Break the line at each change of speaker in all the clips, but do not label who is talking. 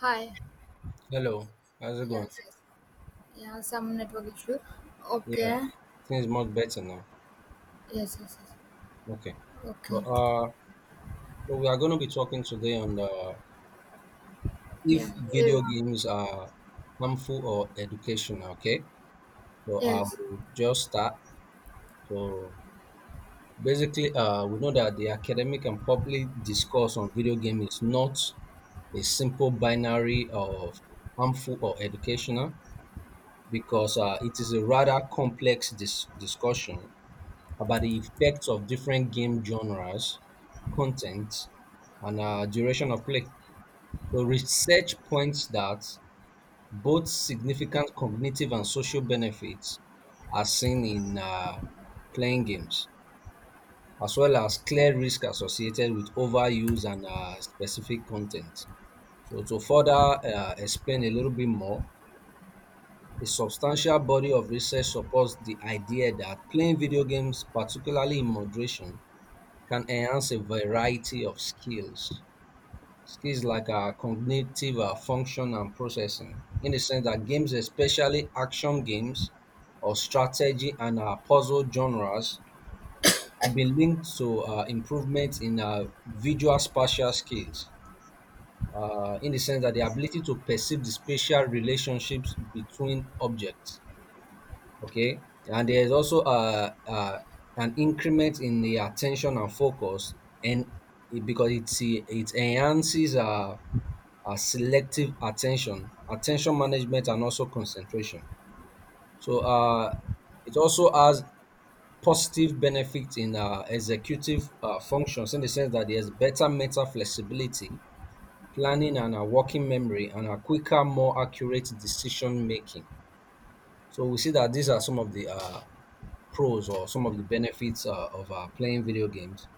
Hi.
Hello, how's it going?
Yes, yes. Yeah, some network issue.
Yeah,
Okay.
things much better now.
Yes, yes, yes.
Okay,
Okay.
but so we are going to be talking today on the if
Yeah. eh,
video games are harmful or educational. Okay, so I
Yes.
will just start. So basically, we know that the academic and public discourse on video game is not a simple binary of harmful or educational because it is a rather complex discussion about the effects of different game genres, content, and duration of play. So research points that both significant cognitive and social benefits are seen in playing games, as well as clear risk associated with overuse and specific content. So to further explain a little bit more, a substantial body of research supports the idea that playing video games, particularly in moderation, can enhance a variety of skills. Skills like our cognitive function and processing, in the sense that games, especially action games or strategy and puzzle genres, have been linked to improvements in visual spatial skills, in the sense that the ability to perceive the spatial relationships between objects. Okay, and there's also an increment in the attention and focus. And because it enhances selective attention management and also concentration. So it also has positive benefits in executive functions, in the sense that there's better mental flexibility, planning and a working memory and a quicker more accurate decision making. So we see that these are some of the pros or some of the benefits of playing video games.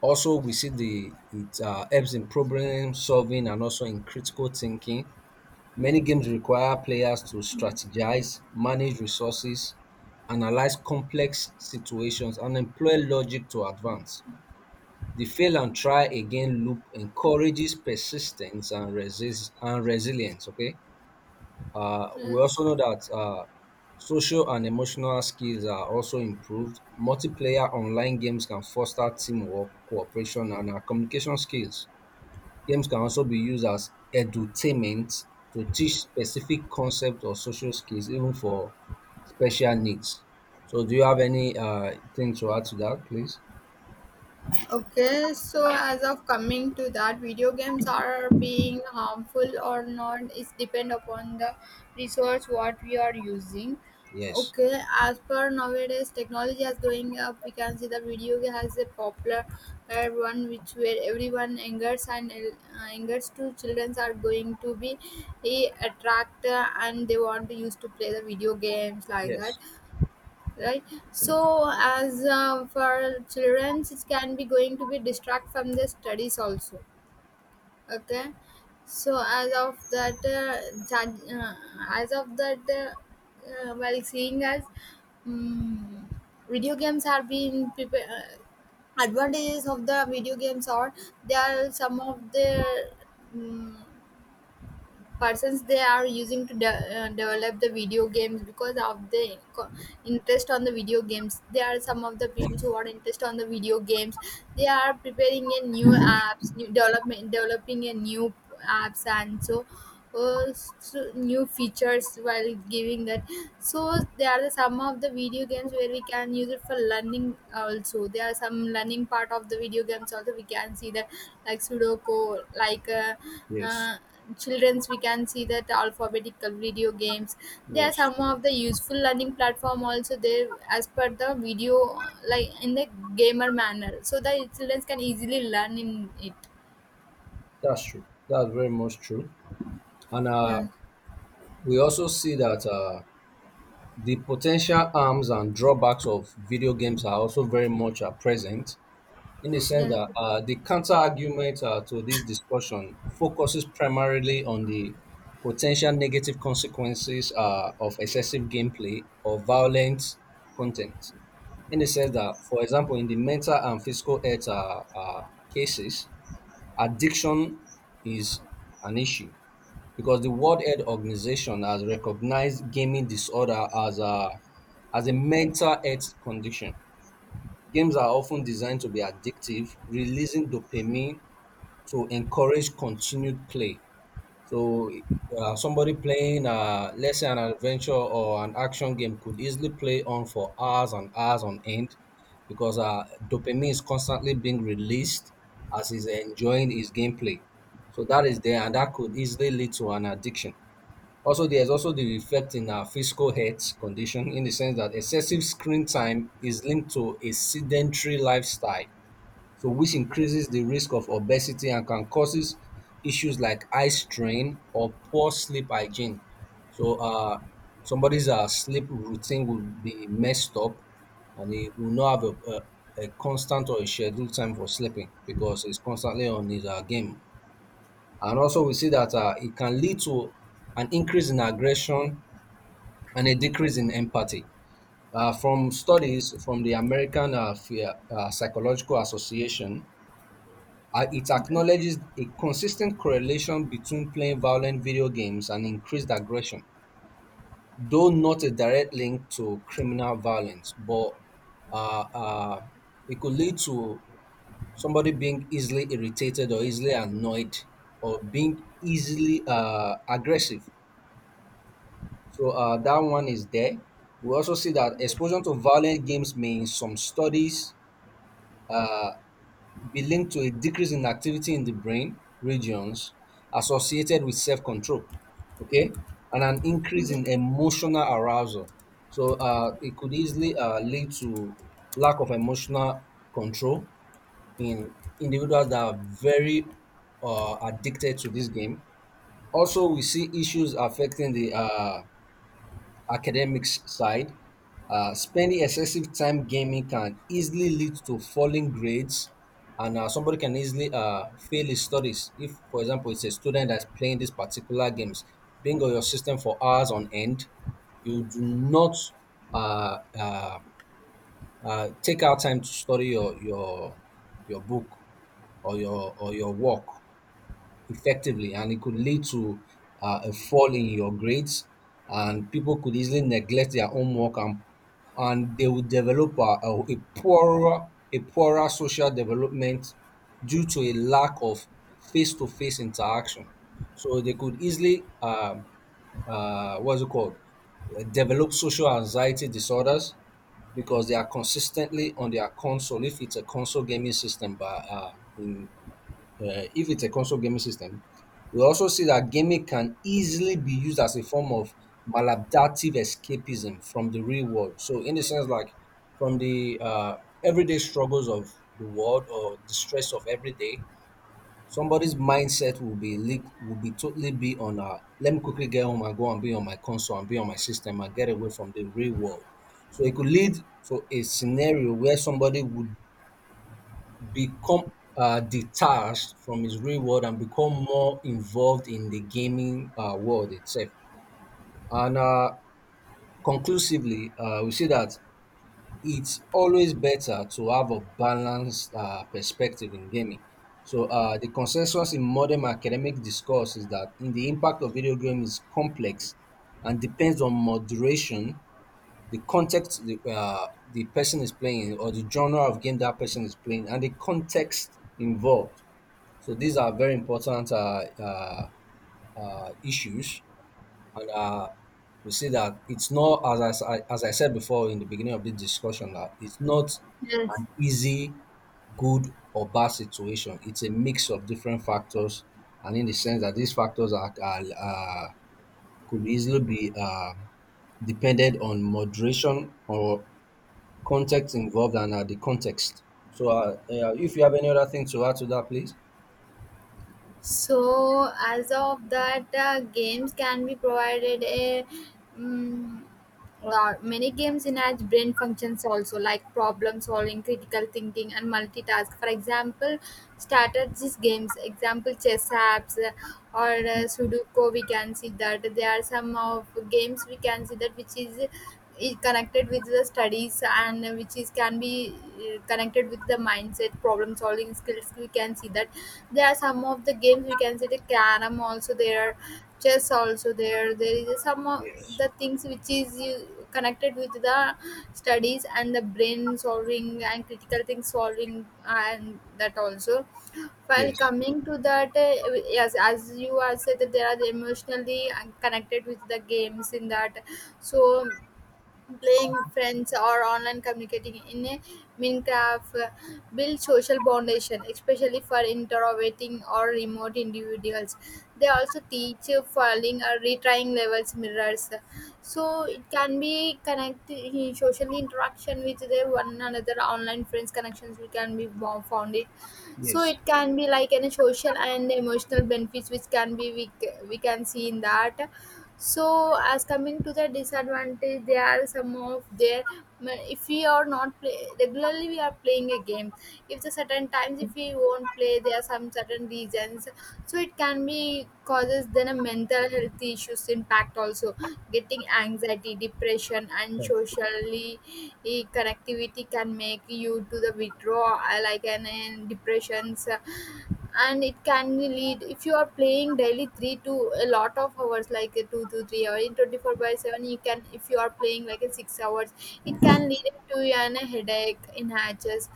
Also, we see the it helps in problem solving and also in critical thinking. Many games require players to strategize, manage resources, analyze complex situations, and employ logic to advance. The fail and try again loop encourages persistence and resist and resilience. Okay, we
Yes.
also know that social and emotional skills are also improved. Multiplayer online games can foster teamwork, cooperation, and communication skills. Games can also be used as edutainment to teach specific concepts or social skills, even for special needs. So, do you have any thing to add to that, please?
Okay, so as of coming to that, video games are being harmful or not is depend upon the resource what we are using.
Yes,
Okay, as per nowadays technology is going up, we can see the video game has a popular one which where everyone angers and angers to childrens are going to be a attract and they want to use to play the video games like that,
yes,
right. So as for children it can be going to be distract from their studies also. Okay, so as of that judge, as of that while seeing as mm video games have been advantages of the video games are they are some of the mm, persons they are using to develop the video games because of the interest on the video games. There are some of the people who are interested on the video games, they are preparing a new apps, new development, developing a new apps. And so so new features while giving that, so there are some of the video games where we can use it for learning also. There are some learning part of the video games also we can see that, like sudoku, like
yes,
uh, children's, we can see that alphabetical video games, they are
yes.
some of the useful learning platform also there. As per the video, like in the gamer manner, so the children can easily learn in it.
That's true. That's very much true. And
Yeah,
we also see that. The potential harms and drawbacks of video games are also very much present, in the sense
yeah,
that the counter argument to this discussion focuses primarily on the potential negative consequences of excessive gameplay or violent content. In the sense that, for example, in the mental and physical health cases, addiction is an issue because the World Health Organization has recognized gaming disorder as a mental health condition. Games are often designed to be addictive, releasing dopamine to encourage continued play. So somebody playing, let's say, an adventure or an action game could easily play on for hours and hours on end because dopamine is constantly being released as he's enjoying his gameplay. So that is there, and that could easily lead to an addiction. Also, there's also the effect in our physical health condition in the sense that excessive screen time is linked to a sedentary lifestyle, so which increases the risk of obesity and can causes issues like eye strain or poor sleep hygiene. So somebody's sleep routine will be messed up and he will not have a constant or a scheduled time for sleeping because he's constantly on his game. And also we see that it can lead to an increase in aggression and a decrease in empathy. From studies from the American Psychological Association, it
okay,
acknowledges a consistent correlation between playing violent video games and increased aggression, though not a direct link to criminal violence, but uh, uh, it could lead to somebody being easily irritated or easily annoyed or being easily aggressive. So that one is there. We also see that exposure to violent games may, in some studies, uh, be linked to a decrease in activity in the brain regions associated with self control, okay, and an increase
okay.
in emotional arousal. So it could easily lead to lack of emotional control in individuals that are very addicted to this game. Also, we see issues affecting the academics side. Uh, spending excessive time gaming can easily lead to falling grades, and somebody can easily fail his studies. If, for example, it's a student that's playing these particular games, being on your system for hours on end, you do not uh, uh, take out time to study your book or your work effectively, and it could lead to a fall in your grades, and people could easily neglect their homework, and they would develop a poorer social development due to a lack of face-to-face interaction. So they could easily what's it called? Develop social anxiety disorders because they are consistently on their console if it's a console gaming system, but in if it's a console gaming system, we also see that gaming can easily be used as a form of maladaptive escapism from the real world. So, in the sense, like from the everyday struggles of the world or the stress of every day, somebody's mindset will be totally be on let me quickly get home and go and be on my console and be on my system and get away from the real world. So it could lead to a scenario where somebody would become detached from his real world and become more involved in the gaming world itself. And conclusively, we see that it's always better to have a balanced perspective in gaming. So the consensus in modern academic discourse is that in the impact of video game is complex and depends on moderation, the context the person is playing, or the genre of game that person is playing, and the context involved. So these are very important issues, and we see that it's not as as I said before in the beginning of this discussion that it's not
Yes.
an easy, good or bad situation. It's a mix of different factors, and in the sense that these factors are, could easily be depended on moderation or context involved and the context. So, if you have any other thing to add to that, please.
So, as of that, games can be provided a mm many games enhance brain functions also, like problem solving, critical thinking, and multitask. For example, strategies games, example chess apps or Sudoku, we can see that there are some of games we can see that which is connected with the studies, and which is can be connected with the mindset problem solving skills, we can see that. There are some of the games we can see, the carom also there, chess also there is some of
Yes.
the things which is you connected with the studies and the brain solving and critical thing solving, and that also. While
Yes.
coming to that, yes, as you are said that there are the emotionally connected with the games in that, so playing with friends or online communicating in a Minecraft build social foundation especially for introverting or remote individuals, they also teach falling or retrying levels mirrors, so it can be connect social interaction with their one another online friends connections we can be found it. So
Yes,
it can be like an social and emotional benefits which can be we can see in that. So as coming to the disadvantage there are some of their, if we are not play regularly we are playing a game, if the certain times if we won't play there are some certain reasons, so it can be causes then a mental health issues impact also, getting anxiety depression and socially connectivity can make you to the withdraw, like an depressions, and it can lead, if you are playing daily three to a lot of hours like a 2 to 3 or in 24/7, you can, if you are playing like a 6 hours it can lead to an headache in hatches,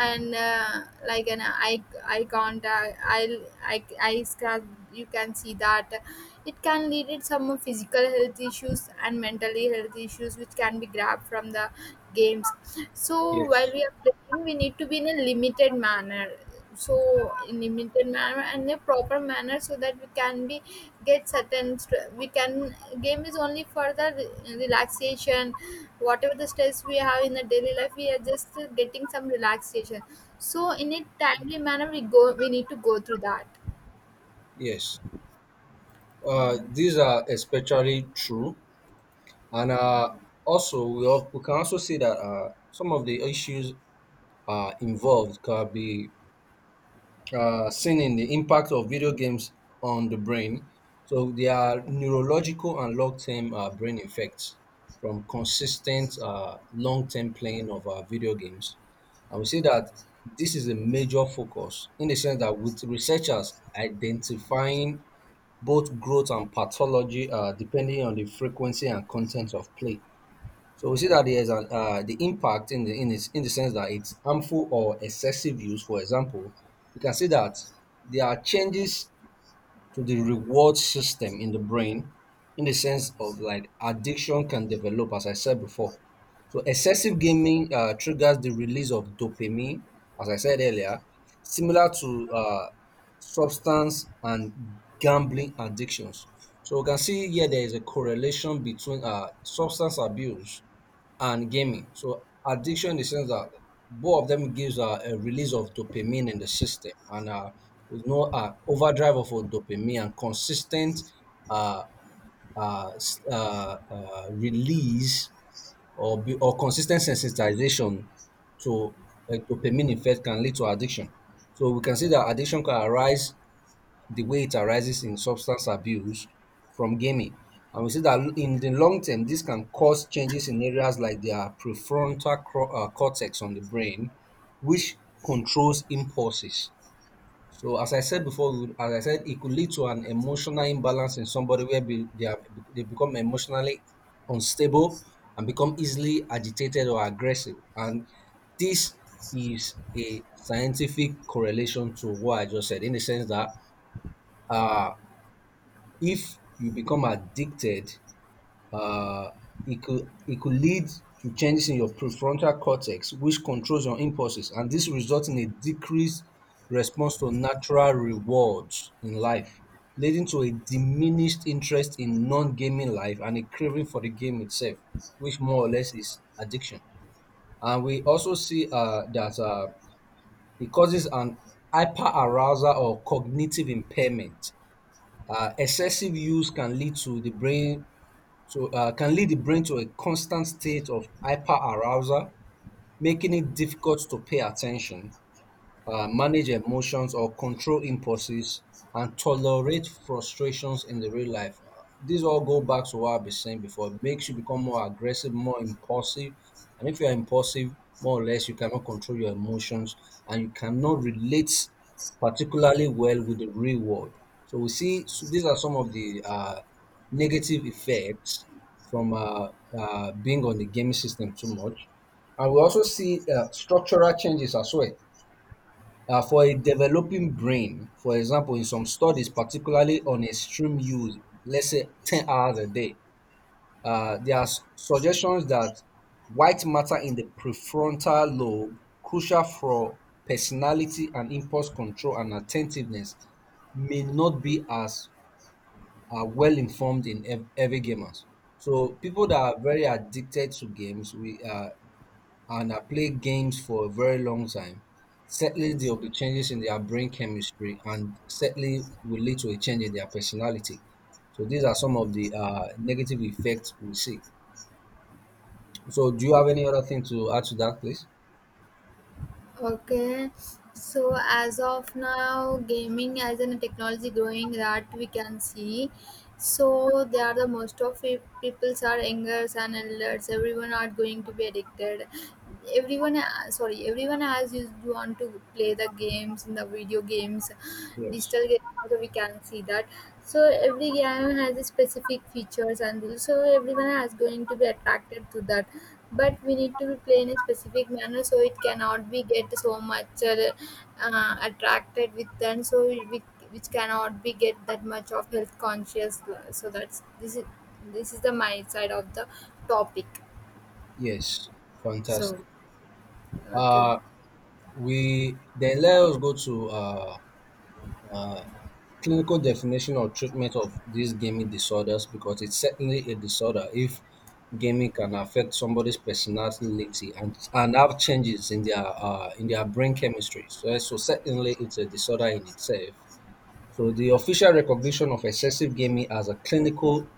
and like an eye contact, eye eyes can, you can see that it can lead to some physical health issues and mentally health issues which can be grabbed from the games. So while
yes,
we are playing we need to be in a limited manner, so in limited manner and a proper manner so that we can be get certain we can, game is only for the relaxation, whatever the stress we have in the daily life we are just getting some relaxation, so in a timely manner we go we need to go through that.
yes. These are especially true, and also we can also see that some of the issues involved can be seen in the impact of video games on the brain. So there are neurological and long-term brain effects from consistent long-term playing of video games. I would say that this is a major focus in the sense that with researchers identifying both growth and pathology depending on the frequency and content of play. So we see that there's the impact in the in the sense that it's harmful or excessive use. For example, we can see that there are changes to the reward system in the brain, in the sense of like addiction can develop as I said before. So excessive gaming triggers the release of dopamine, as I said earlier, similar to substance and gambling addictions. So we can see here there is a correlation between substance abuse and gaming. So addiction in the sense that both of them gives a release of dopamine in the system, and with no overdrive of dopamine and consistent uh, release or, be, or consistent sensitization to a dopamine effect can lead to addiction. So we can see that addiction can arise the way it arises in substance abuse from gaming. And we see that in the long term, this can cause changes in areas like their cortex on the brain, which controls impulses. So, as I said before, as I said, it could lead to an emotional imbalance in somebody where they become emotionally unstable and become easily agitated or aggressive. And this is a scientific correlation to what I just said, in the sense that uh, if you become addicted, uh, it could lead to changes in your prefrontal cortex, which controls your impulses, and this results in a decreased response to natural rewards in life, leading to a diminished interest in non-gaming life and a craving for the game itself, which more or less is addiction. And we also see that it causes an hyperarousal or cognitive impairment. Excessive use can lead to the brain to can lead the brain to a constant state of hyperarousal, making it difficult to pay attention, manage emotions or control impulses and tolerate frustrations in the real life. These all go back to what I've been saying before. It makes you become more aggressive, more impulsive. And if you're impulsive, more or less, you cannot control your emotions and you cannot relate particularly well with the real world. So we see so these are some of the negative effects from being on the gaming system too much. And we also see structural changes as well. For a developing brain, for example, in some studies, particularly on extreme use, let's say 10 hours a day, there are suggestions that white matter in the prefrontal lobe, crucial for personality and impulse control and attentiveness, may not be as well informed in every gamers. So people that are very addicted to games, we and I played games for a very long time, certainly there will be changes in their brain chemistry and certainly will lead to a change in their personality. So these are some of the negative effects we see. So do you have any other thing to add to that, please?
Okay, so as of now gaming as in technology growing that we can see. So they are the most of it, peoples are youngers and elders. Everyone are going to be addicted. Everyone, sorry, everyone has used want to play the games in the video games,
Yes.
digital games. Also, we can see that. So every game has a specific features and rules. So everyone is going to be attracted to that. But we need to play in a specific manner so it cannot be get so much attracted with them. So we which cannot be get that much of health conscious, so that's, this is the my side of the topic.
Yes,
So,
fantastic.
okay.
Uh, we then let us go to uh, clinical definition or treatment of these gaming disorders, because it's certainly a disorder if gaming can affect somebody's personality and, have changes in their brain chemistry. So, so certainly it's a disorder in itself. So the official recognition of excessive gaming as a clinical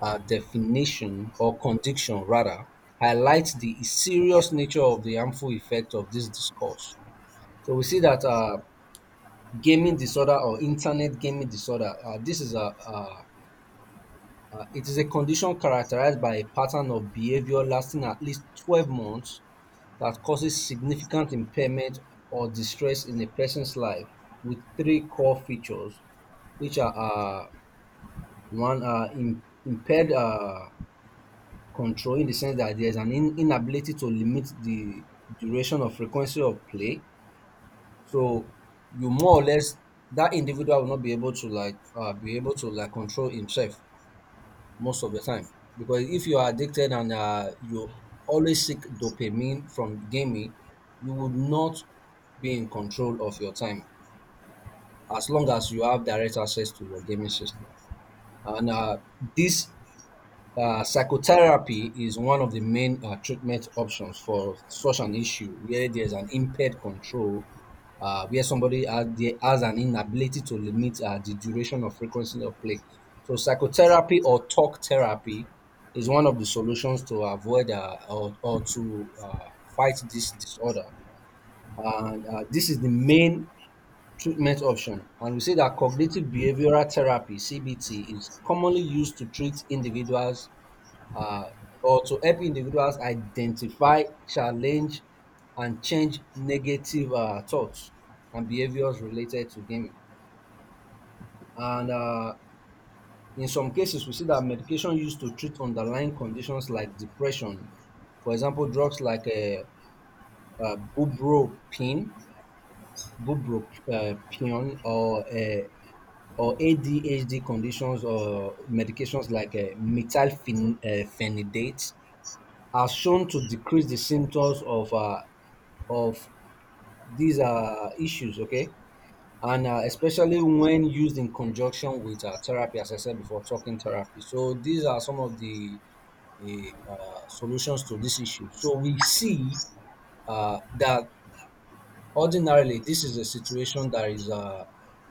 definition or condition rather highlights the serious nature of the harmful effect of this discourse. So we see that gaming disorder or internet gaming disorder. This is a it is a condition characterized by a pattern of behavior lasting at least 12 months that causes significant impairment or distress in a person's life with three core features, which are one, impaired control, in the sense that there's an inability to limit the duration or frequency of play. So you more or less that individual will not be able to like be able to like control himself most of the time, because if you are addicted and you always seek dopamine from gaming, you would not be in control of your time as long as you have direct access to your gaming system. And this Psychotherapy is one of the main treatment options for such an issue where there's an impaired control, where somebody has, has an inability to limit the duration or frequency of play. So, psychotherapy or talk therapy is one of the solutions to avoid or to fight this disorder. And this is the main treatment option. And we say that cognitive behavioral therapy, CBT, is commonly used to treat individuals uh, or to help individuals identify, challenge, and change negative thoughts and behaviors related to gaming. And in some cases, we see that medication used to treat underlying conditions like depression, for example, drugs like uh, bubropin, bupropion, or ADHD conditions or medications like methylphenidate are shown to decrease the symptoms of of these issues. Okay, and especially when used in conjunction with therapy, as I said before, talking therapy. So these are some of the solutions to this issue. So we see that ordinarily, this is a situation that is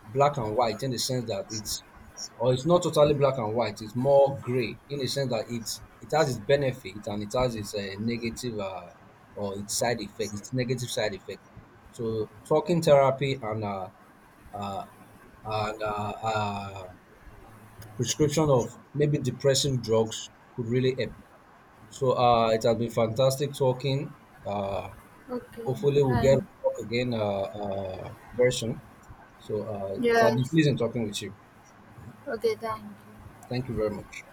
black and white in the sense that or it's not totally black and white. It's more gray in the sense that it has its benefit and it has its negative or its side effect. Its negative side effect. So talking therapy and uh, and uh, uh, prescription of maybe depressive drugs could really help. So it has been fantastic talking. Uh,
Okay,
Hopefully, we'll get to
fine.
talk again very soon. So, it's an
Yes,
pleasure in talking with you.
okay, thank you.
Thank you very much.